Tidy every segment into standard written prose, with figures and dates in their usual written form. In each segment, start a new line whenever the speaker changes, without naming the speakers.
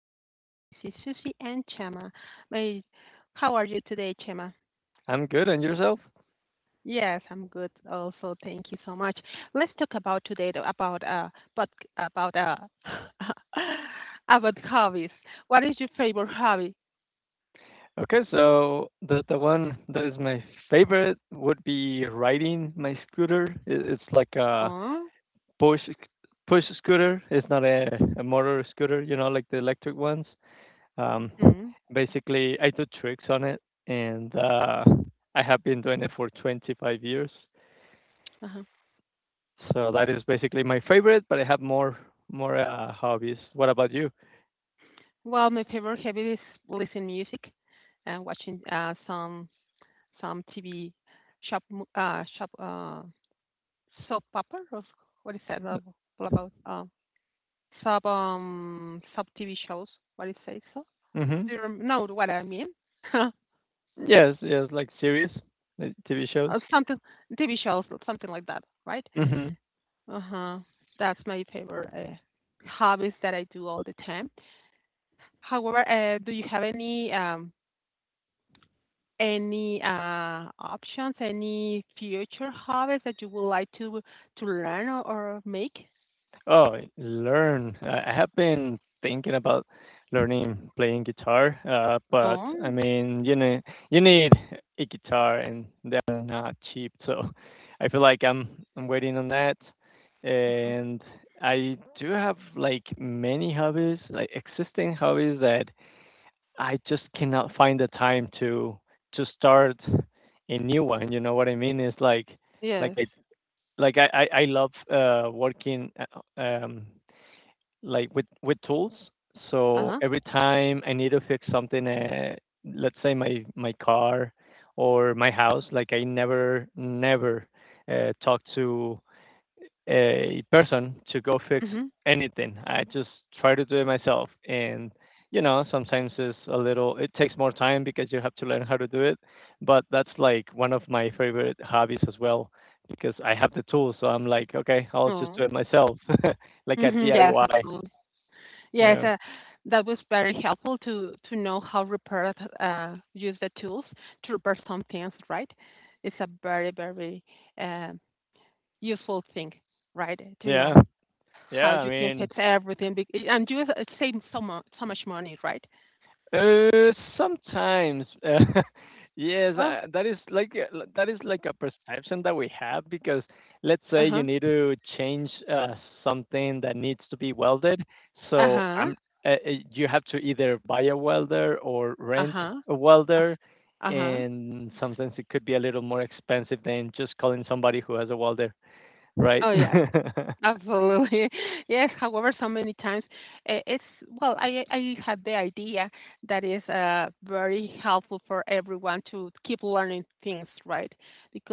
new podcast. This is Susie and Chema. May, how are you today, Chema?
I'm good, and yourself?
Yes, I'm good. Also, thank you so much. Let's talk about today the- about but about about hobbies. What is your favorite hobby?
Okay, so the one that is my favorite would be riding my scooter. It's like a
Oh,
push push scooter. It's not a motor scooter, you know, like the electric ones. Um,
mm,
Basically, I do tricks on it, and I have been doing it for 25 years.
uh-huh.
So that is basically my favorite, but I have more hobbies. What about you?
Well, my favorite hobby is listening music and watching some TV shop mo- shop soap opera. Or what is that all about? Sub TV shows. What it says? So
hmm
do you know what I mean?
Yes, yes, like series, like TV shows.
Something TV shows, or something like that, right? Uh huh. That's my favorite hobbies that I do all the time. However, do you have any any options, any future hobbies that you would like to learn or make?
Oh, learn. I have been thinking about learning playing guitar, but I
Oh,
mean, you know, you need a guitar and they're not cheap, so I feel like I'm waiting on that.
uh-huh.
And I do have like many hobbies, like existing hobbies that I just cannot find the time to start a new one. You know what I mean? It's like like
Yes.
I like I love working like with tools.
Uh
So
huh.
every time I need to fix something, let's say my car or my house, like I never talk to a person to go fix
Mhm.
anything. I just try to do it myself, and you know sometimes it's a little. It takes more time because you have to learn how to do it, but that's like one of my favorite hobbies as well because I have the tools. So I'm like, okay, I'll just do
Oh.
it myself, like a
Mhm. Yes,
DIY.
absolutely. Yes,
Yeah.
that was very helpful to know how repair use the tools to repair some things, right? It's a very, very uh, useful thing, right? To
Yeah.
know how
Yeah. I
you can
mean,
fix everything, and you save so much, so much money, right?
sometimes, yes,
Well,
that is like that is like a perception that we have because let's
uh
say you
huh,
need to change something that needs to be welded.
uh
So
huh,
I'm you have to either buy a welder or
uh
rent
huh,
a welder,
uh huh.
and sometimes it could be a little more expensive than just calling somebody who has a welder, right?
Oh yes. Absolutely. Yes, however, so many times it's well, I had the idea that is very helpful for everyone to keep learning things, right?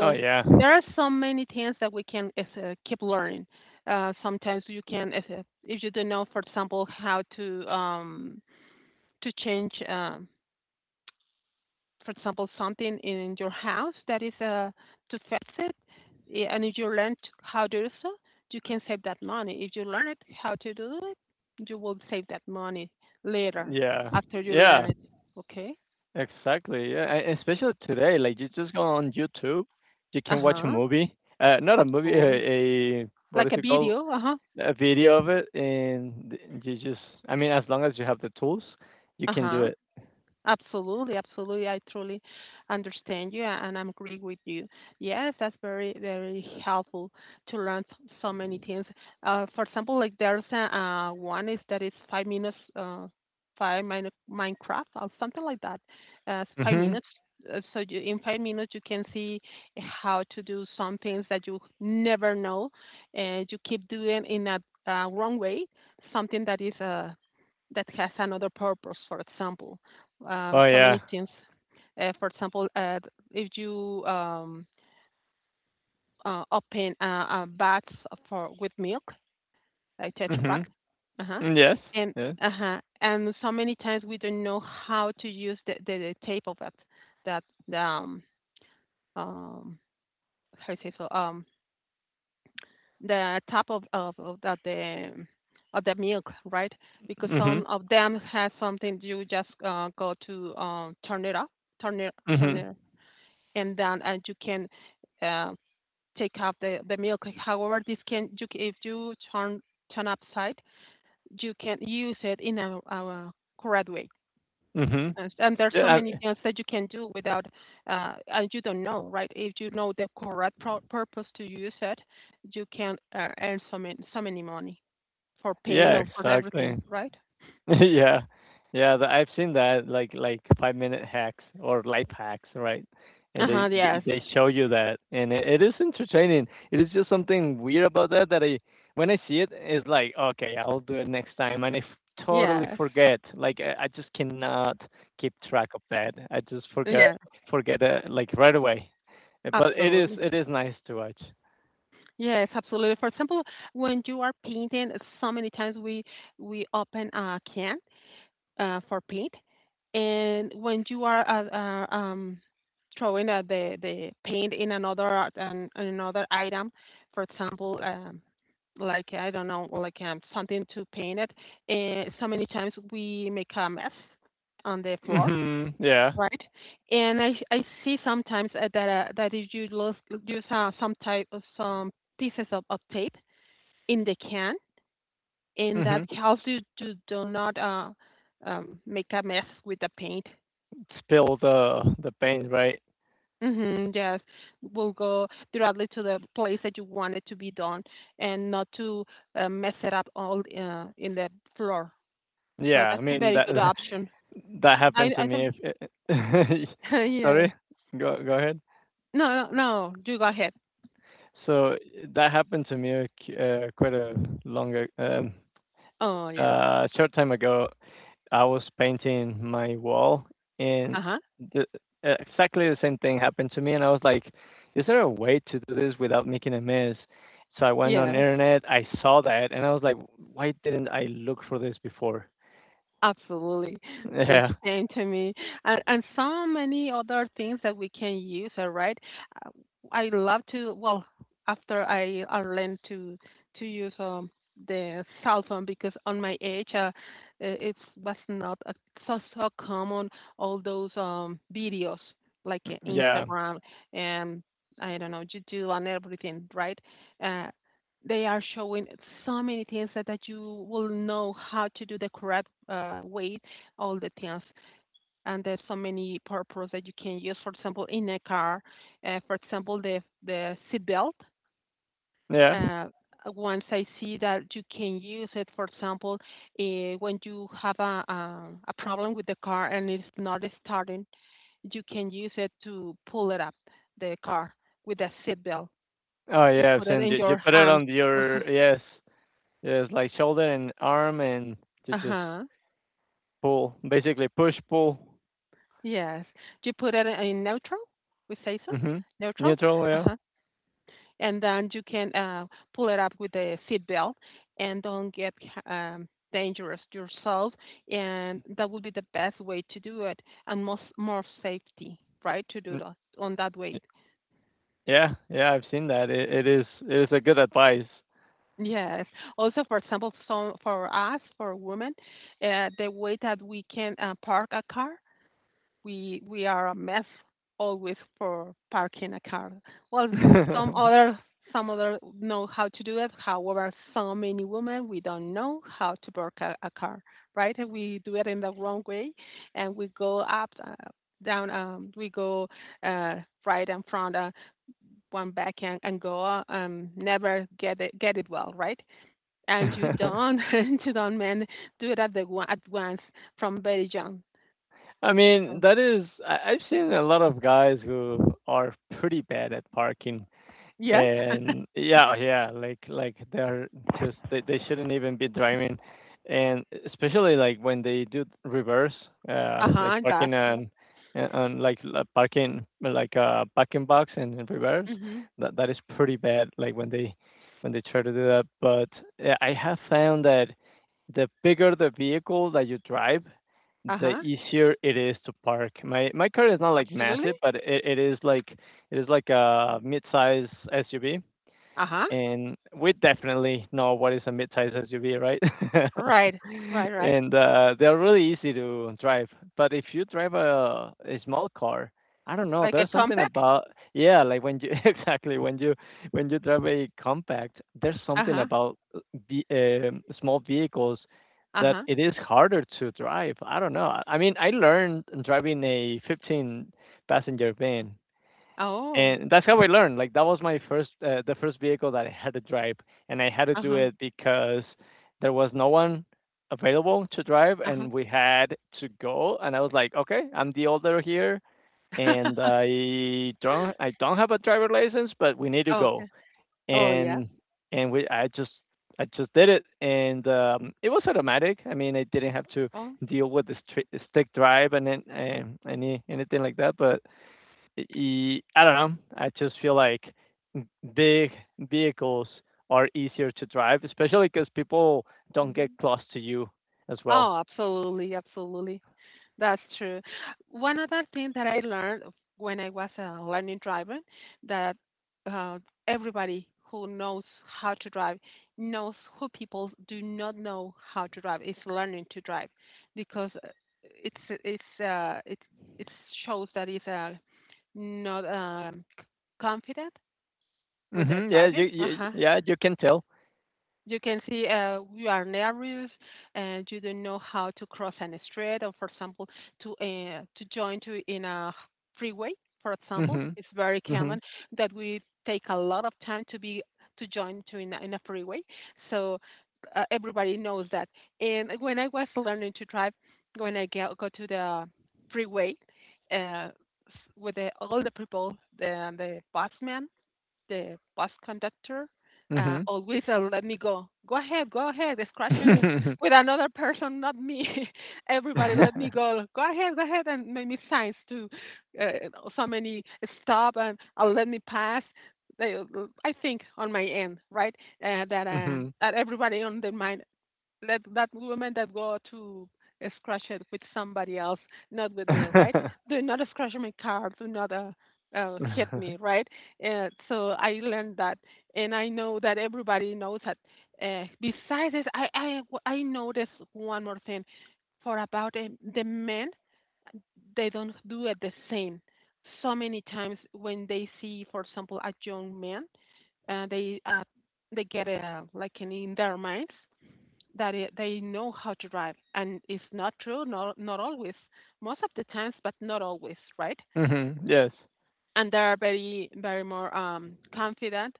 Oh yeah,
there are so many things that we can keep learning. Sometimes you can if you don't know, for example, how to change for example, something in your house that is to fix it, yeah, and if you learn how to do so, you can save that money. If you learn it how to do it, you will save that money later
yeah,
after you
yeah.
learn it. Okay.
Exactly, yeah, and especially today, like, you just go on YouTube, you
Uh
can watch a
huh.
movie, not a movie,
Absolutely.
a what
Like
is
a
it called?
video. Uh huh.
A video of it, and th you just I mean, as long as you have the tools, you
Uh
can do
huh.
it.
Absolutely, absolutely. I truly understand you and I'm agree with you. Yes, that's very, very helpful to learn so many things. For example, like there's one is that it's 5 minutes, Minecraft or something like that. It's five
Mhm.
minutes. So you, in 5 minutes, you can see how to do some things that you never know, and you keep doing in a wrong way, something that is that has another purpose, for example.
Oh,
So
yeah.
many things. For example, if you open a box for with milk, like Tetra Pak,
Mhm.
uh-huh,
Mm, yes,
and
yeah.
uh-huh, and so many times we don't know how to use the tape of that that um how do you say the top of the of the milk, right? Because
Mhm.
some of them has something you just go to turn it up, turn it, turn
Mhm.
it, and then and you can uh, take out the milk. However, this can you if you turn upside, you can use it in a correct way.
Mhm.
And there's so
Yeah, I
many things that you can do without, and you don't know, right? If you know the correct purpose to use it, you can earn so many money. For pain
yeah,
or for everything,
exactly.
right?
Yeah. Yeah, the I've seen that like five-minute hacks or life hacks, right? And
Uh-huh,
they they
yes.
they show you that, and it is entertaining. It is just something weird about that I when I see it, it's like, "Okay, I'll do it next time," and I f totally
Yes.
forget. Like, I just cannot keep track of that. I just
Yes,
forget it, like, right away. But
absolutely.
it is nice to watch.
Yes, absolutely. For example, when you are painting, so many times we open a can for paint, and when you are throwing the paint in another another item, for example, like I don't know, something to paint it, and so many times we make a mess on the floor.
Mhm. Yeah.
Right. And I see sometimes that if you lose use some type of some pieces of tape in the can, and that
Mhm.
helps you to do not make a mess with the paint.
Spill the paint, right?
Mm-hmm, yes, will go directly to the place that you want it to be done, and not to mess it up all in the floor. So
Yeah, I
that's a
mean,
very
that
good option.
That happened to
I don't.
me. If,
yes.
sorry, go ahead.
No, no, no. You go ahead.
So that happened to me quite a longer, um,
Oh yeah.
short time ago. I was painting my wall, and
Uh huh.
the, exactly the same thing happened to me. And I was like, "Is there a way to do this without making a mess?" So I went on
Yes.
internet. I saw that, and I was like, "Why didn't I look for this before?"
Absolutely. The
Yeah,
same to me. And so many other things that we can use, all right? Uh, I love to, well, after I learned to use the cell phone because on my age, it was not so common, all those videos like
yeah,
Instagram and I don't know, YouTube and everything, right? Uh, they are showing so many things that you will know how to do the correct way, all the things. And there's so many purpose that you can use. For example, in a car, for example, the seat belt.
yeah.
Uh, once I see that you can use it, for example, when you have a problem with the car and it's not starting, you can use it to pull it up the car with a seat belt.
Oh
You
yeah, I've
put it
seen
in
you
your
put it
arms.
on
Uh
your yes. Yeah, it's like shoulder and arm and to just
huh.
pull, basically push pull.
Yes, you put it in neutral. We say so,
hmm
neutral.
Neutral,
Uh
yeah.
huh. And then you can pull it up with the seat belt, and don't get dangerous yourself. And that would be the best way to do it, and most more safety, right? To do
Mm,
that on that
y-
way.
Yeah, yeah, I've seen that. It, it is a good advice.
Yes. Also, for example, so for us, for women, the way that we can park a car we are a mess always for parking a car. Well, some other some other know how to do it. However, so many women we don't know how to park a car, right? And we do it in the wrong way, and we go up. Down we go uh, right in front one back and go never get it well right and you don't you don't men do it at the one at once from very young
I mean,
so
that is I've seen a lot of guys who are pretty bad at parking.
yes
And yeah, yeah, like they shouldn't even be driving, and especially like when they do reverse, like
Uh-huh,
parking
that's r
on like parking like a parking box and in reverse,
mhm,
that is pretty bad. Like when they try to do that, but yeah, I have found that the bigger the vehicle that you drive, the
uh-huh,
easier it is to park. My car is not like
absolutely,
massive, but it is like a mid-size SUV,
uh-huh,
and we definitely know what is a mid-size SUV, right?
right, right, right,
And they're really easy to drive. But if you drive a small car, I don't know,
like a
there's something
compact?
about yeah, like when you exactly when you drive a compact, there's something
Uh-huh,
about the small vehicles that
uh-huh,
it is harder to drive. I don't know. I mean, I learned driving a 15 passenger van,
oh,
and that's how I learned. Like that was my first vehicle that I had to drive, and I had to do
uh-huh,
it because there was no one available to drive,
uh-huh.
and we had to go. And I was like, okay, I'm the older here, and I don't have a driver license, but we need to go.
Okay, oh, yeah,
And and we, I just, I just did it, and it was automatic. I mean, I didn't have to
oh,
deal with the stick drive and then, anything like that, but I don't know. I just feel like big vehicles are easier to drive, especially because people don't get
mhm.
close to you as well.
Oh, absolutely, absolutely. That's true. One other thing that I learned when I was learning driving that uh, everybody who knows how to drive knows who people do not know how to drive is learning to drive because it's it's uh, it it shows that it's not confident with their
Yeah, you,
driving. Uh
you
huh.
yeah you can tell.
You can see you are nervous and you don't know how to cross an street or, for example, to join to in a freeway. For example,
hmm
it's very
hmm
common that we take a lot of time to be to join to in in a freeway. So everybody knows that. And when I was learning to drive, when I go to the freeway uh, s- with all the people, the busman, the bus conductor
hmm
always let me go. Go ahead, go ahead. They scratch you with another person, not me. Everybody let me go. Go ahead, and make me signs to uh, so many stop and let me pass. They, I think on my end, right,
hmm
that everybody on the mind that women that go to scratch it with somebody else, not with me, right? Do not scratch my car. Do not hit me, right? And so I learned that, and I know that everybody knows that. Besides this, I noticed one more thing for about the men, they don't do it the same. So many times when they see, for example, a young man, uh, they uh, they get like an in their minds that they know how to drive and it's not true not always most of the times but not always right
Yes.
and they are very very more confident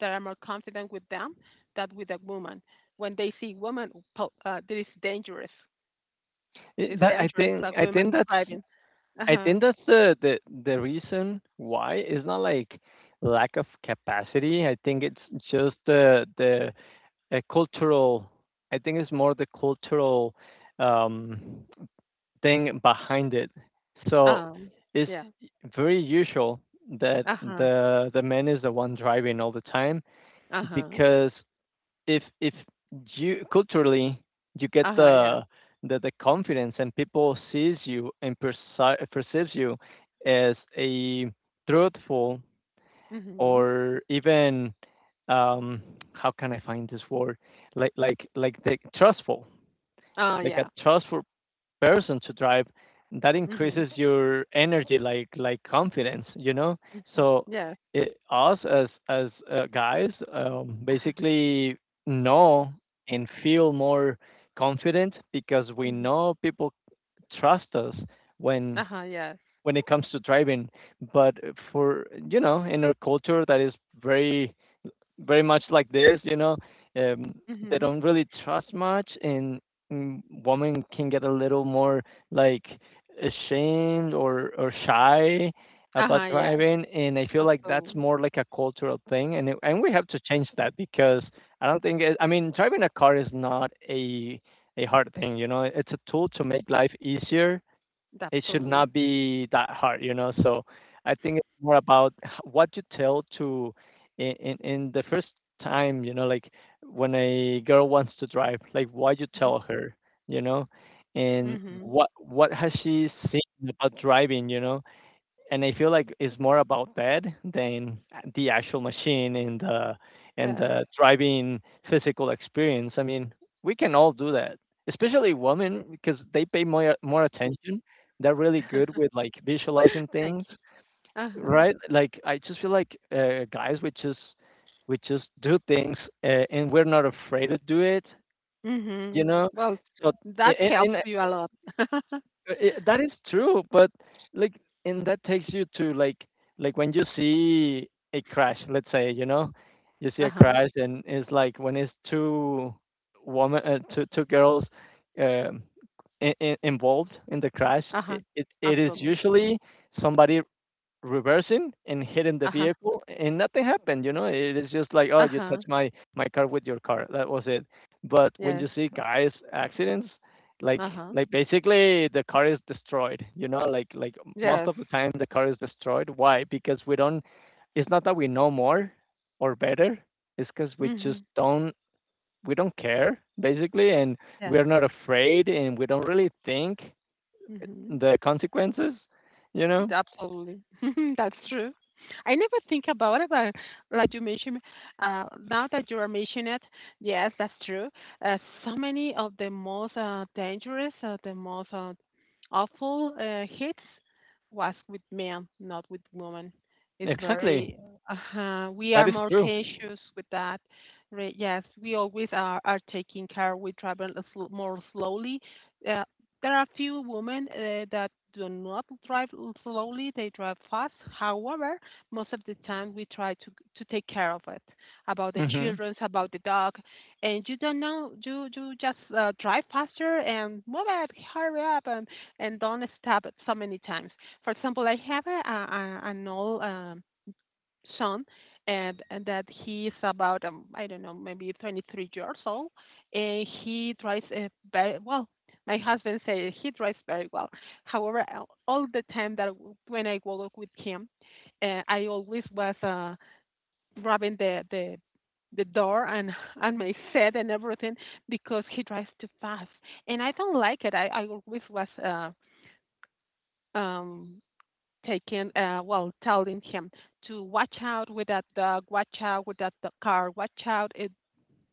they are more confident with them than with a woman when they see woman that is dangerous it's
That I
dangerous that
think
women are
that's
driving
I
uh-huh
think that's the reason why it's not like lack of capacity. I think it's just the a cultural I think it's more the cultural um, thing behind it so
um
it's
yeah
very usual that
uh-huh
the man is the one driving all the time
uh-huh
because if you culturally you get
uh-huh yes
the confidence and people sees you and perceives you as a truthful
mm-hmm
or even um how can I find this word? Like the trustful,
oh
like a
yeah
trustful person to drive that
mm-hmm,
increases your energy like confidence, you know?
mm-hmm.
So
yes
it, us as guys
uh-huh
basically know and feel more confident because we
hmm
know people trust us when
uh-huh yes
it comes to driving but for you know in our culture that is very very much like this, you know, um, they
mm-hmm
don't really trust much, and mm, women can get a little more like ashamed or shy about
uh-huh yes
driving, and I feel like that's
Absolutely.
more like a cultural thing, and and we have to change that because I don't think it, I mean driving a car is not a hard thing, you know, it's a tool to make life easier, it should
Absolutely.
not be that hard, you know. So I think it's more about what you tell to in the first time, you know, like when a girl wants to drive, like what you
Mhm.
tell her, you know, and
Mhm.
what has she seen about driving, you know, and I feel like it's more about that than the actual machine and
Yes.
the driving physical experience. I mean, we can all do that, especially women because they pay more attention. They're really good with like visualizing
Thank
things,
you. Uh-huh.
right? Like I just feel like guys, we just do things, and we're not afraid to do it, you
Mhm.
know.
Well,
So
that
a-
helps
and
you a lot.
that is true, but like, and that takes you to like when you see a crash, let's say, you know, you see a
Uh-huh.
crash, and it's like when it's two girls, um, involved in the crash,
Uh-huh.
it is
Absolutely.
usually somebody reversing and hitting the
Uh-huh.
vehicle and nothing happened you know it is just like oh you
Uh-huh.
touched my car with your car that was it but when
Yes.
you see guys accidents like
Uh-huh.
basically the car is destroyed you know most
Yes.
of the time the car is destroyed why because we don't it's not that we know more or better it's because we just
Mhm.
don't we don't care basically and
Yes.
we're not afraid and we don't really think
Mhm.
the consequences you know
Absolutely. That's true. I never think about it, but like you mentioned, now that you are mentioning it, yes, that's true. Uh, so many of the most dangerous, the most awful hits was with men, not with women. It's
exactly
very, we are
that is
more
true.
cautious with that. Right? Yes, we always are taking care. We travel a more slowly. uh, there are few women that do not drive slowly, they drive fast. However, most of the time we try to take care of it, about the
Mhm.
children, about the dog. And you don't know, you just drive faster and move it, hurry up, and don't stop it so many times. For example, I have an old son, and that he's about I don't know, maybe 23 years old, and he drives very well. My husband says he drives very well. However, all the time that when I walk with him, I always was grabbing the door and my set and everything because he drives too fast, and I don't like it. I always was um taking, well, telling him to watch out with that dog, watch out with that the car, watch out, it,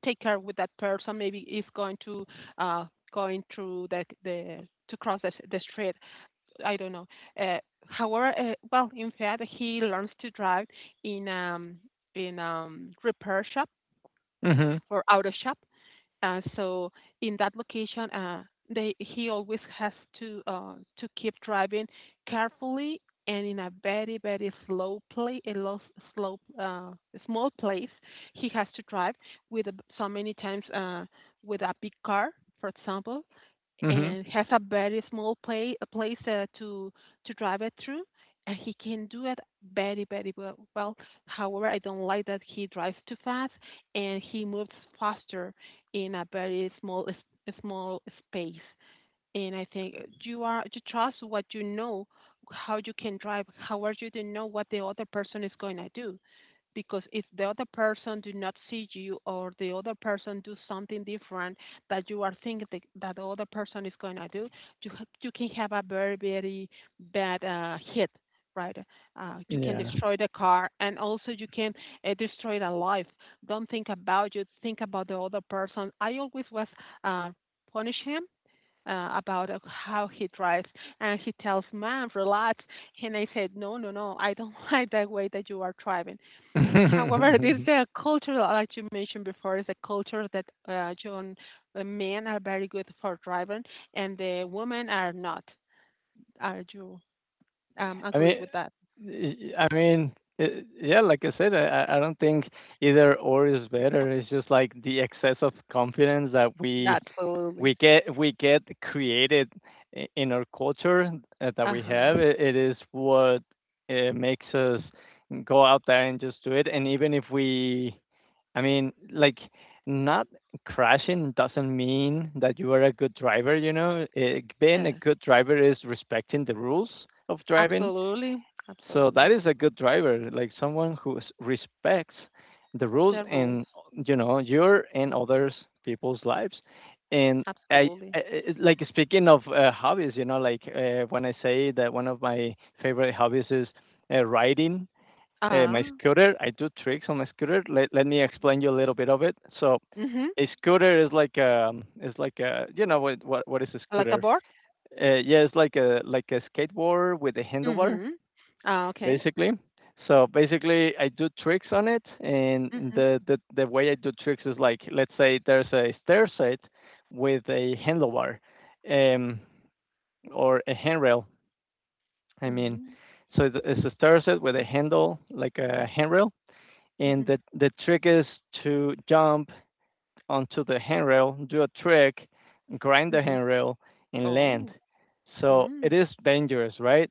take care with that person. Maybe is going to uh, going through the to cross the street. I don't know. Uh, however, well, in fact, he learns to drive in um in repair shop
Mhm.
or auto shop, so in that location, they he always has to keep driving carefully, and in a very slow play a low, slow, small place. He has to drive with so many times, with a big car, for example,
Mhm.
and has a very small play, a place, to drive it through, and he can do it very very well. However, I don't like that he drives too fast and he moves faster in a very small small space. And I think you trust what you know, how you can drive. However, you don't know what the other person is going to do, because if the other person do not see you, or the other person do something different that you are thinking that that the other person is going to do, you can have a very, very bad hit, right? You can
Yeah.
destroy the car, and also you can destroy the life. Don't think about you, think about the other person. I always was uh, punish him. About how he drives, and he tells, "Man, relax," and I said, "No, no, no, I don't like that way that you are driving." However, this culture, like you mentioned before, is a culture that, John, men are very good for driving, and the women are not. Are you
I mean,
agree with that?
y y I mean, yeah, like I said, I don't think either or is better. It's just like the excess of confidence that
Absolutely.
we get created in our culture that
Uh
we have.
huh.
It is what makes us go out there and just do it. And even if we, I mean, like not crashing doesn't mean that you are a good driver. You know, it, being a
Yes.
good driver is respecting the rules of driving
Absolutely.
so that
Absolutely.
is a good driver, like someone who respects the rules
The
and
rules.
you know your and others people's lives. And I, I
Absolutely.
I speaking of hobbies, when I say that one of my favorite hobbies is riding my
Ah.
scooter. I do tricks on my scooter. Let me explain you a little bit of it. So
Mhm.
a scooter is like a what is a
Like a
scooter?
board.
Yeah, it's like a skateboard with a handlebar
Mhm. Ah. Okay.
basically. So basically, I do tricks on it, and
Mhm.
the way I do tricks is like let's say there's a stair set with a handlebar, um, or a handrail. I mean,
Mhm.
so it's a stair set with a handle like a handrail, and
Mhm.
the trick is to jump onto the handrail, do a trick, grind the
Mhm.
handrail, and land.
Oh.
So it
Mm.
is dangerous, right?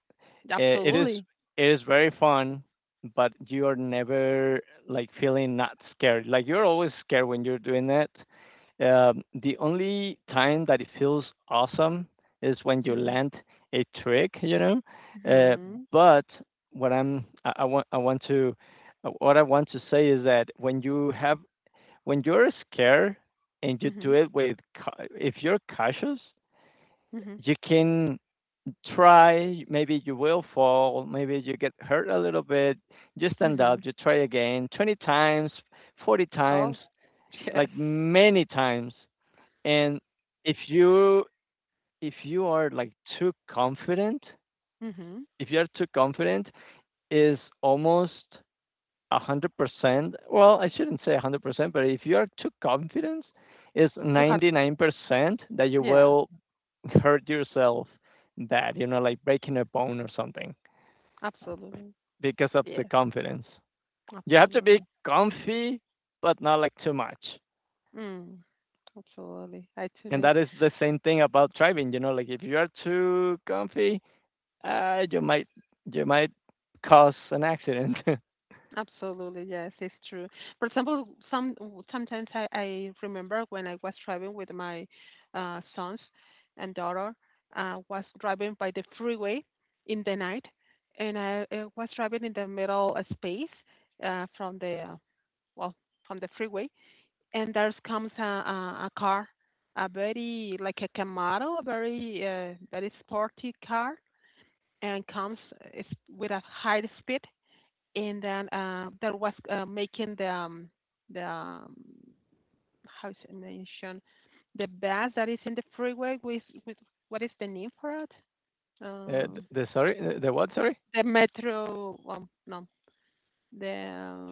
it,
Absolutely.
it is very fun, but you're never like feeling not scared. Like you're always scared when you're doing it. The only time that it feels awesome is when you
Mhm.
land a trick. Uh,
Mhm.
but what I'm I want to what I want to say is that when you're scared and you do
Mhm.
it with if you're cautious,
Mhm.
you can try, maybe you will fall, maybe you get hurt a little bit, you stand up,
Mhm.
you try again 20 times, 40 times,
Oh, yes.
like many times. And if you if you are like too confident,
Mhm.
if you're too confident is almost 100%. Well, I shouldn't say 100%, but if you are too confident is
You had,
99% that you
yeah,
will hurt yourself bad, like breaking a bone or something.
absolutely.
Because of
Yeah,
the confidence. You have to be
absolutely.
comfy, but not like too much.
Mm, absolutely.
And
Actually,
that is the same thing about driving. You know, like if you are too comfy, uh, you might you might cause an accident.
absolutely. Yes, it's true. For example, sometimes I remember when I was driving with my sons and daughter, was driving by the freeway in the night, and was driving in the middle space, uh, from the uh, well from the freeway, and there comes a car, a very like a Camaro, a very sporty car, and comes uh, with a high speed, and then there was making the how is it mentioned the bus that is in the freeway with, what is the name for it?
uh,
Uh,
the sorry, the what? Sorry.
the metro, no, the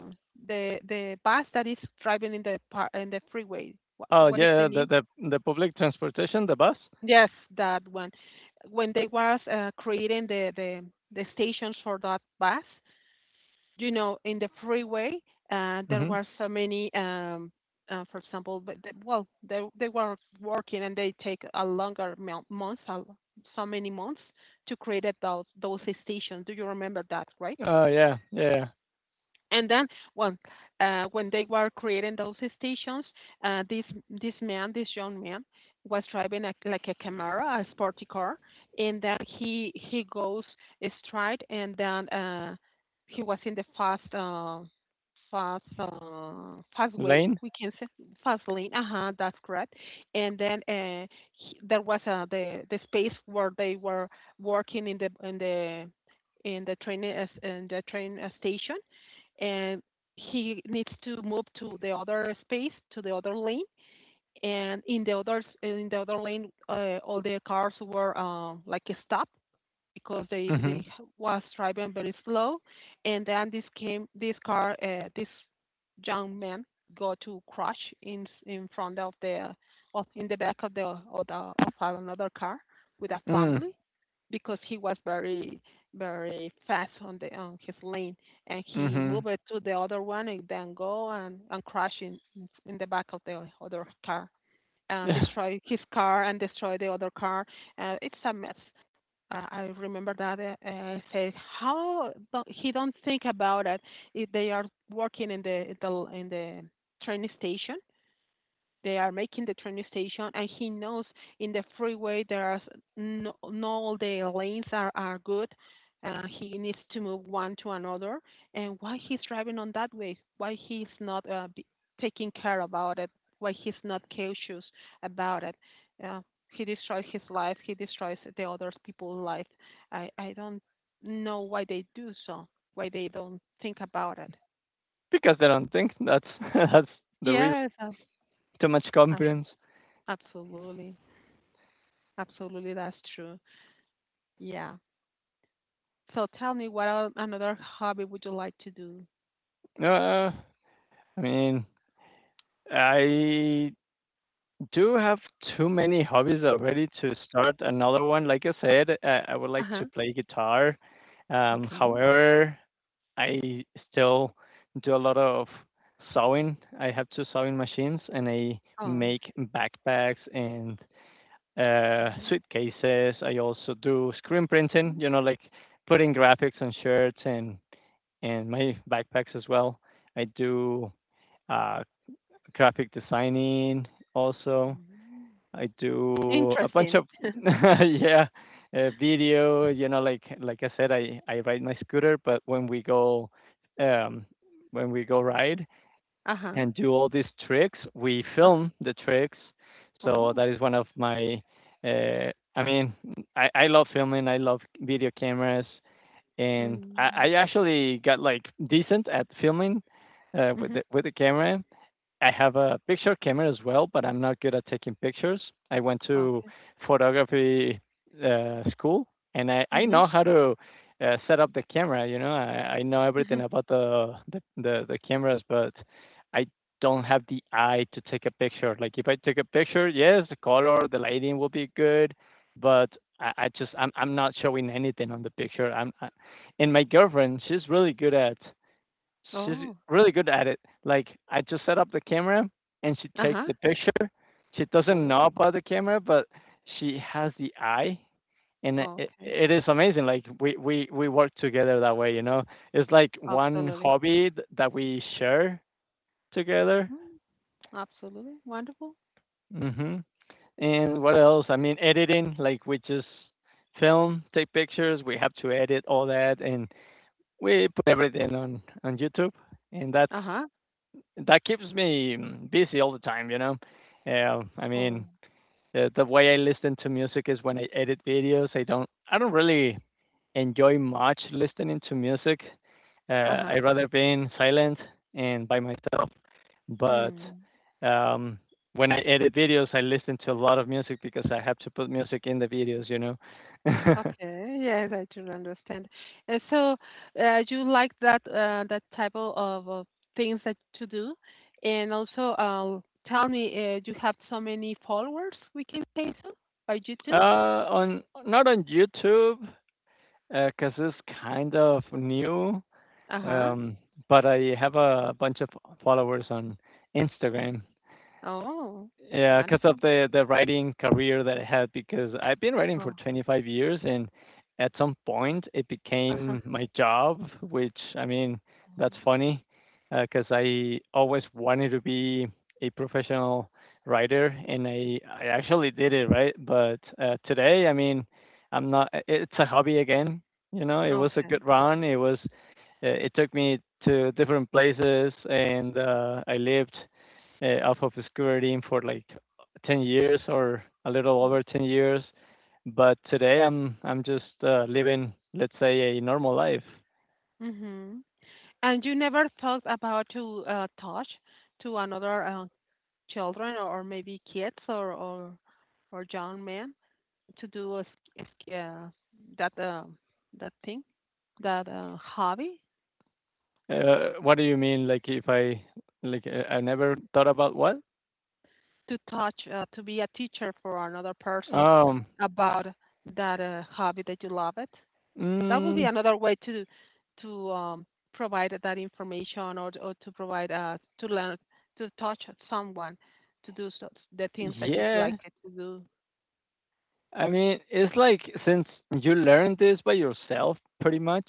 uh, the bus that is driving in the in the freeway. What,
Oh
what is the
yeah, the
name?
the the public transportation, the bus.
Yes, that one. When they was creating the stations for that bus, in the freeway, there
Hmm.
were so many. For example, but they were working, and they take a longer months, so many months to create those stations. Do you remember that, right?
Oh yeah, yeah, yeah.
And then, well, when they were creating those stations, uh, this this man, this young man, was driving like a Camaro, a sporty car, and then he goes straight, and then he was in the fast way.
Lane.
We can say fast lane. Uh huh. That's correct. And then there was the space where they were working in the train, station, and he needs to move to the other space, to the other lane. And in the other lane, all the cars were like stopped because
Hmm.
they was driving very slow, and then this came this car, this young man got to crash in front of the of in the back of another car with a
Mm.
family, because he was very very fast on the on his lane, and he
Hmm.
moved it to the other one, and then go and crash in the back of the other car, and
Yeah.
destroy his car and destroy the other car. It's a mess. I remember that, says how, don't, he don't think about it. If they are working in the train station, they are making the train station, and he knows in the freeway there are, no, no, all the lanes are good. He needs to move one to another, and why he's driving on that way? Why he's not taking care about it? Why he's not cautious about it? Uh, he destroys his life. He destroys the other people's life. I don't know why they do so. Why they don't think about it?
Because they don't think that's that's the reason.
Yes,
Too much
ab-
confidence.
absolutely, absolutely. That's true. Yeah. So tell me, another hobby would you like to do?
Uh, I mean, I do have too many hobbies already to start another one. Like I said, I would like to
Uh-huh.
play guitar.
Okay.
However, I still do a lot of sewing. I have two sewing machines, and I
Oh.
make backpacks and
Oh.
suitcases. I also do screen printing,
Mm,
you know, like putting graphics on shirts and my backpacks as well. I do uh, graphic designing also.
mm.
I do a bunch
Interesting.
of yeah, video. You know, like I said, I ride my scooter, but um, when we go ride
Uh-huh.
and do all these tricks, we
Uh-huh.
film the tricks. So
Oh.
that is one of my. Uh, I mean, I love filming. I love video cameras, and I
Mm.
actually got like decent at filming, with
Mm-hmm.
the camera. I have a picture camera as well, but I'm not good at taking pictures. I went to
Okay.
photography school, and I
Mm-hmm.
know how to set up the camera. You know, I know
Mm-hmm.
everything about the cameras, but I don't have the eye to take a picture. Like if I take a picture, yes, the color, the lighting will be good, but I just I'm not showing anything on the picture. And my girlfriend, she's really good at. She's
Oh.
really good at it. Like I just set up the camera and she takes
Uh-huh.
the picture. She doesn't know
Oh.
about the camera, but she has the eye, and
Okay.
it is amazing. Like we work together that way. You know, it's like one
Absolutely.
hobby that we share together.
Mm. Absolutely. Wonderful.
Hmm. And what else? I mean, editing. Like we just film, take pictures. We have to edit all that, and we put everything on YouTube, and
Uh-huh.
that keeps me mm, busy all the time, you know. Uh, I mean,
Oh.
the way I listen to music is when I edit videos. I don't really enjoy much listening to music. I
Uh-huh.
rather be in silent and by myself. But
Mm.
um, when I edit videos, I listen to a lot of music because I have to put music in the videos, you know.
Okay, yes, I do understand. And so, you like that type o- of things that to do, and also, tell me, you have so many followers? We can say so by YouTube.
On not on YouTube because it's kind of new.
Uh huh.
Um, but I have a bunch of followers on Instagram,
Oh,
yeah, because of
wonderful.
the writing career that I had, because I've been writing for
Oh,
25 years, and at some point it
uh huh.
became my job, which, that's funny, because I always wanted to be a professional writer, and I actually did it, right? But today, I'm not I it's a hobby again, you know? It was a
Okay.
good run, it was, it took me to different places, and, I lived alpha obscurity in for like 10 years or a little over 10 years. But today I'm just living, let's say, a normal life.
Mm-hmm. And you never thought about to touch to another children or maybe kids or young men? To do uh, that, that thing, that hobby,
What do you mean? Like if I like I never thought about what?
to touch, to be a teacher for another person
Um,
about that hobby that you love it. That would be
mm,
another way to provide that information, or to provide, to learn to touch someone to do so, the things that you'd like
yeah,
it to do.
I mean, it's like since you learned this by yourself, pretty much,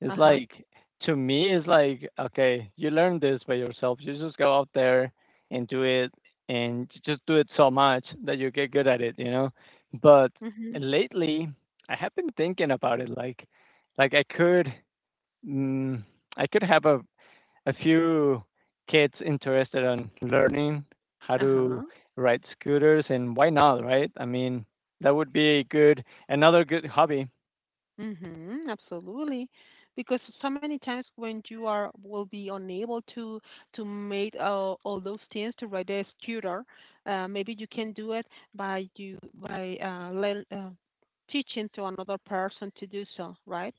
it's
Uh huh.
like to me, it's like okay, you learn this by yourself. You just go out there and do it, and just do it so much that you get good at it, you know. But
Mhm.
lately, I have been thinking about it, like I could, mm, I could have a few kids interested in learning how
Uh
to
huh.
ride scooters, and why not, right? I mean, that would be a good another good hobby.
Mm-hmm, absolutely. Because so many times when you are will be unable to make all those things, to write a tutor, maybe you can do it by you by learn, teaching to another person to do so, right?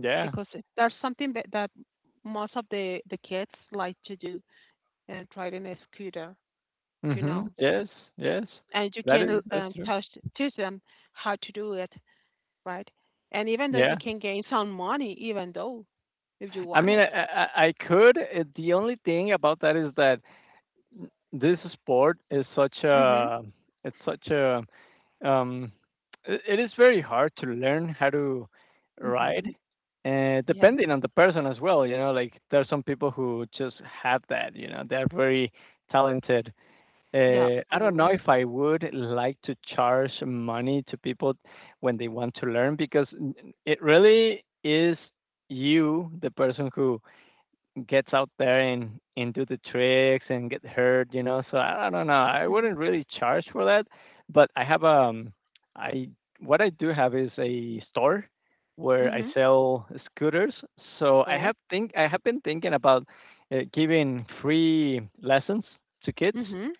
Yeah.
Because that's something that most of the kids like to do, and riding a scooter, you
Mhm.
know.
Yes. Yes.
And you can,
That's true.
touch teach them how to do it, right? And even though you
Yeah.
can gain some money, even though, if you
I
want
mean,
it.
I, I could. The only thing about that is that this sport is such
Mhm.
a it's such a Um, it, it is very hard to learn how to ride,
Mhm.
and
Yes.
depending on the person as well. You know, like there are some people who just have that. You know, they're very talented.
Yeah.
I don't know
Absolutely.
if I would like to charge money to people when they want to learn because it really is you, the person who gets out there and do the tricks and get hurt, you know. So I don't know. I
Mhm.
wouldn't really charge for that, but I have I what I do have is a store where I
Mhm.
sell scooters. So
Oh.
I have been thinking about giving free lessons to kids,
Mhm.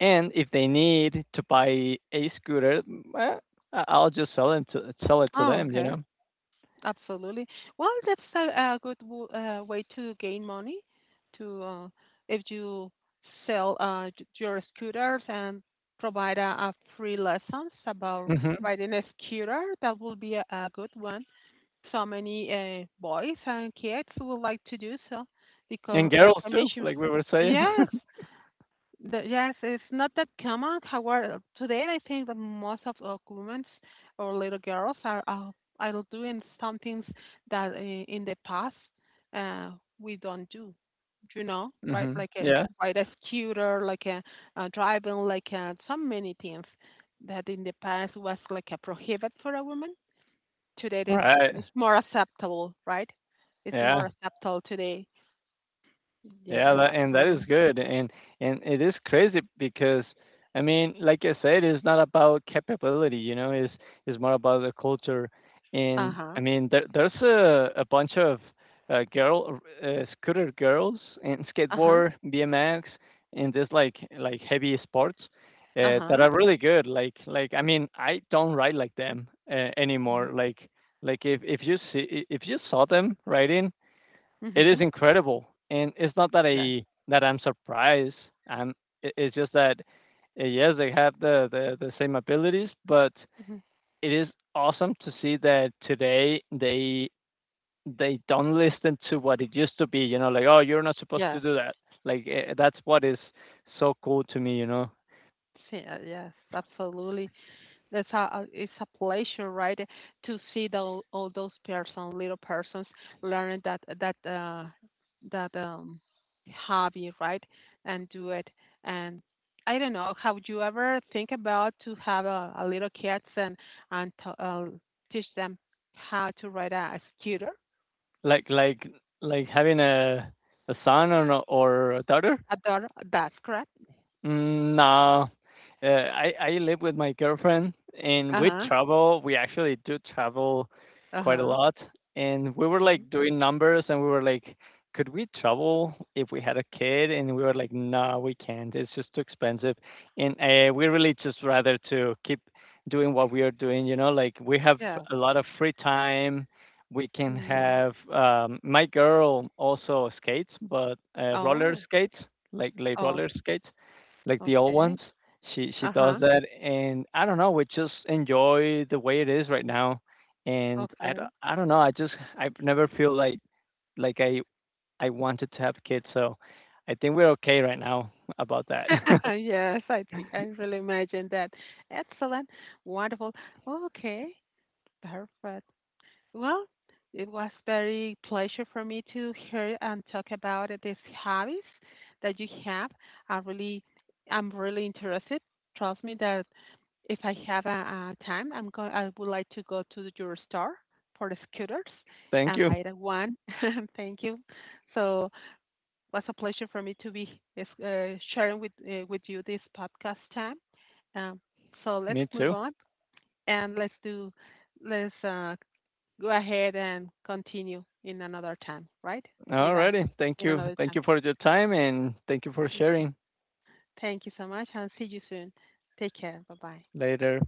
and if they need to buy a scooter, mm, well, I'll just sell it to
Oh.
them, you
Okay.
know.
Absolutely. Well, that's a good way to gain money. To If you sell your scooters and provide a free lessons about
Hmm.
riding a scooter, that will be a good one. So many boys and kids would like to do so,
And
because like
girls
I
too,
mentioned,
like we were saying.
yes, yes, it's not that common. However, today I think that most of women or little girls are doing some things that, in the past, uh, we don't do, you know, right,
hmm.
like a
Yeah.
ride a scooter, like driving, like a, so many things that in the past was like a prohibit for a woman. Today
Right.
it's more acceptable, right? It's more
Yeah.
acceptable today.
Yeah,
Yes,
that and that is
absolutely.
good, and it is crazy because, like I said, it's not about capability, you know, it's more about the culture.
Uh
And
huh.
I mean, there there's a bunch of girl scooter girls and
Uh huh.
skateboard, BMX, and this like heavy sports
Uh
that
huh.
are really good. I mean, I don't ride like them
Mhm.
anymore. Like if if you saw them riding. It is
Mhm.
incredible, and it's not that
Yes.
I'm surprised. I'm it's just that yes, they have the the same abilities, but
Mhm.
it is awesome to see that today they don't listen to what it used to be. You know, like oh, you're not supposed to
Yes.
do that. Like that's what is so cool to me. You know,
Yeah, yes. Absolutely. It's a pleasure, right, to see all those persons, little persons, learn that, that hobby, right, and do it. And I don't know, have you ever think about to have a little kids and to, teach them how to ride a scooter,
like like like having a son or a daughter.
a daughter? That's correct.
Mm, no, I live with my girlfriend, and
Uh
we
huh.
travel. We actually do travel
Uh
quite a
huh.
lot, and we were
Oh,
like doing numbers, and we were like, could we travel if we had a kid? And we were like, no, we can't. It's just too expensive, and we really just rather to keep doing what we are doing. You know, like we have
yes.
a lot of free time. We can
Mm.
have my girl also skates, but roller
Oh.
skates, like
Oh.
roller skates like the old
Okay.
ones. She
Uh
does
huh.
that, and I don't know. We just enjoy the way it is right now, and
Okay.
I don't know. I've never feel like like I wanted to have kids, so I think we're okay right now about that.
Yes, I think I really imagine that. Excellent. Wonderful. Okay, perfect. Well, it was very pleasure for me to hear and talk about these hobbies that you have. I really, I'm really interested. Trust me that if I have time, I'm going. I would like to go to your store for the scooters
Thank
and
you.
buy the one. Thank you. So was a pleasure for me to be, sharing with you this podcast time. Um, so let's
Me
move
too.
on and let's go ahead and continue in another time, right? With us
Alrighty. Thank
in
you.
another
Thank
time.
you for your time, and thank you for
You too.
sharing.
Thank you so much and see you soon. Take care. Bye bye.
Later.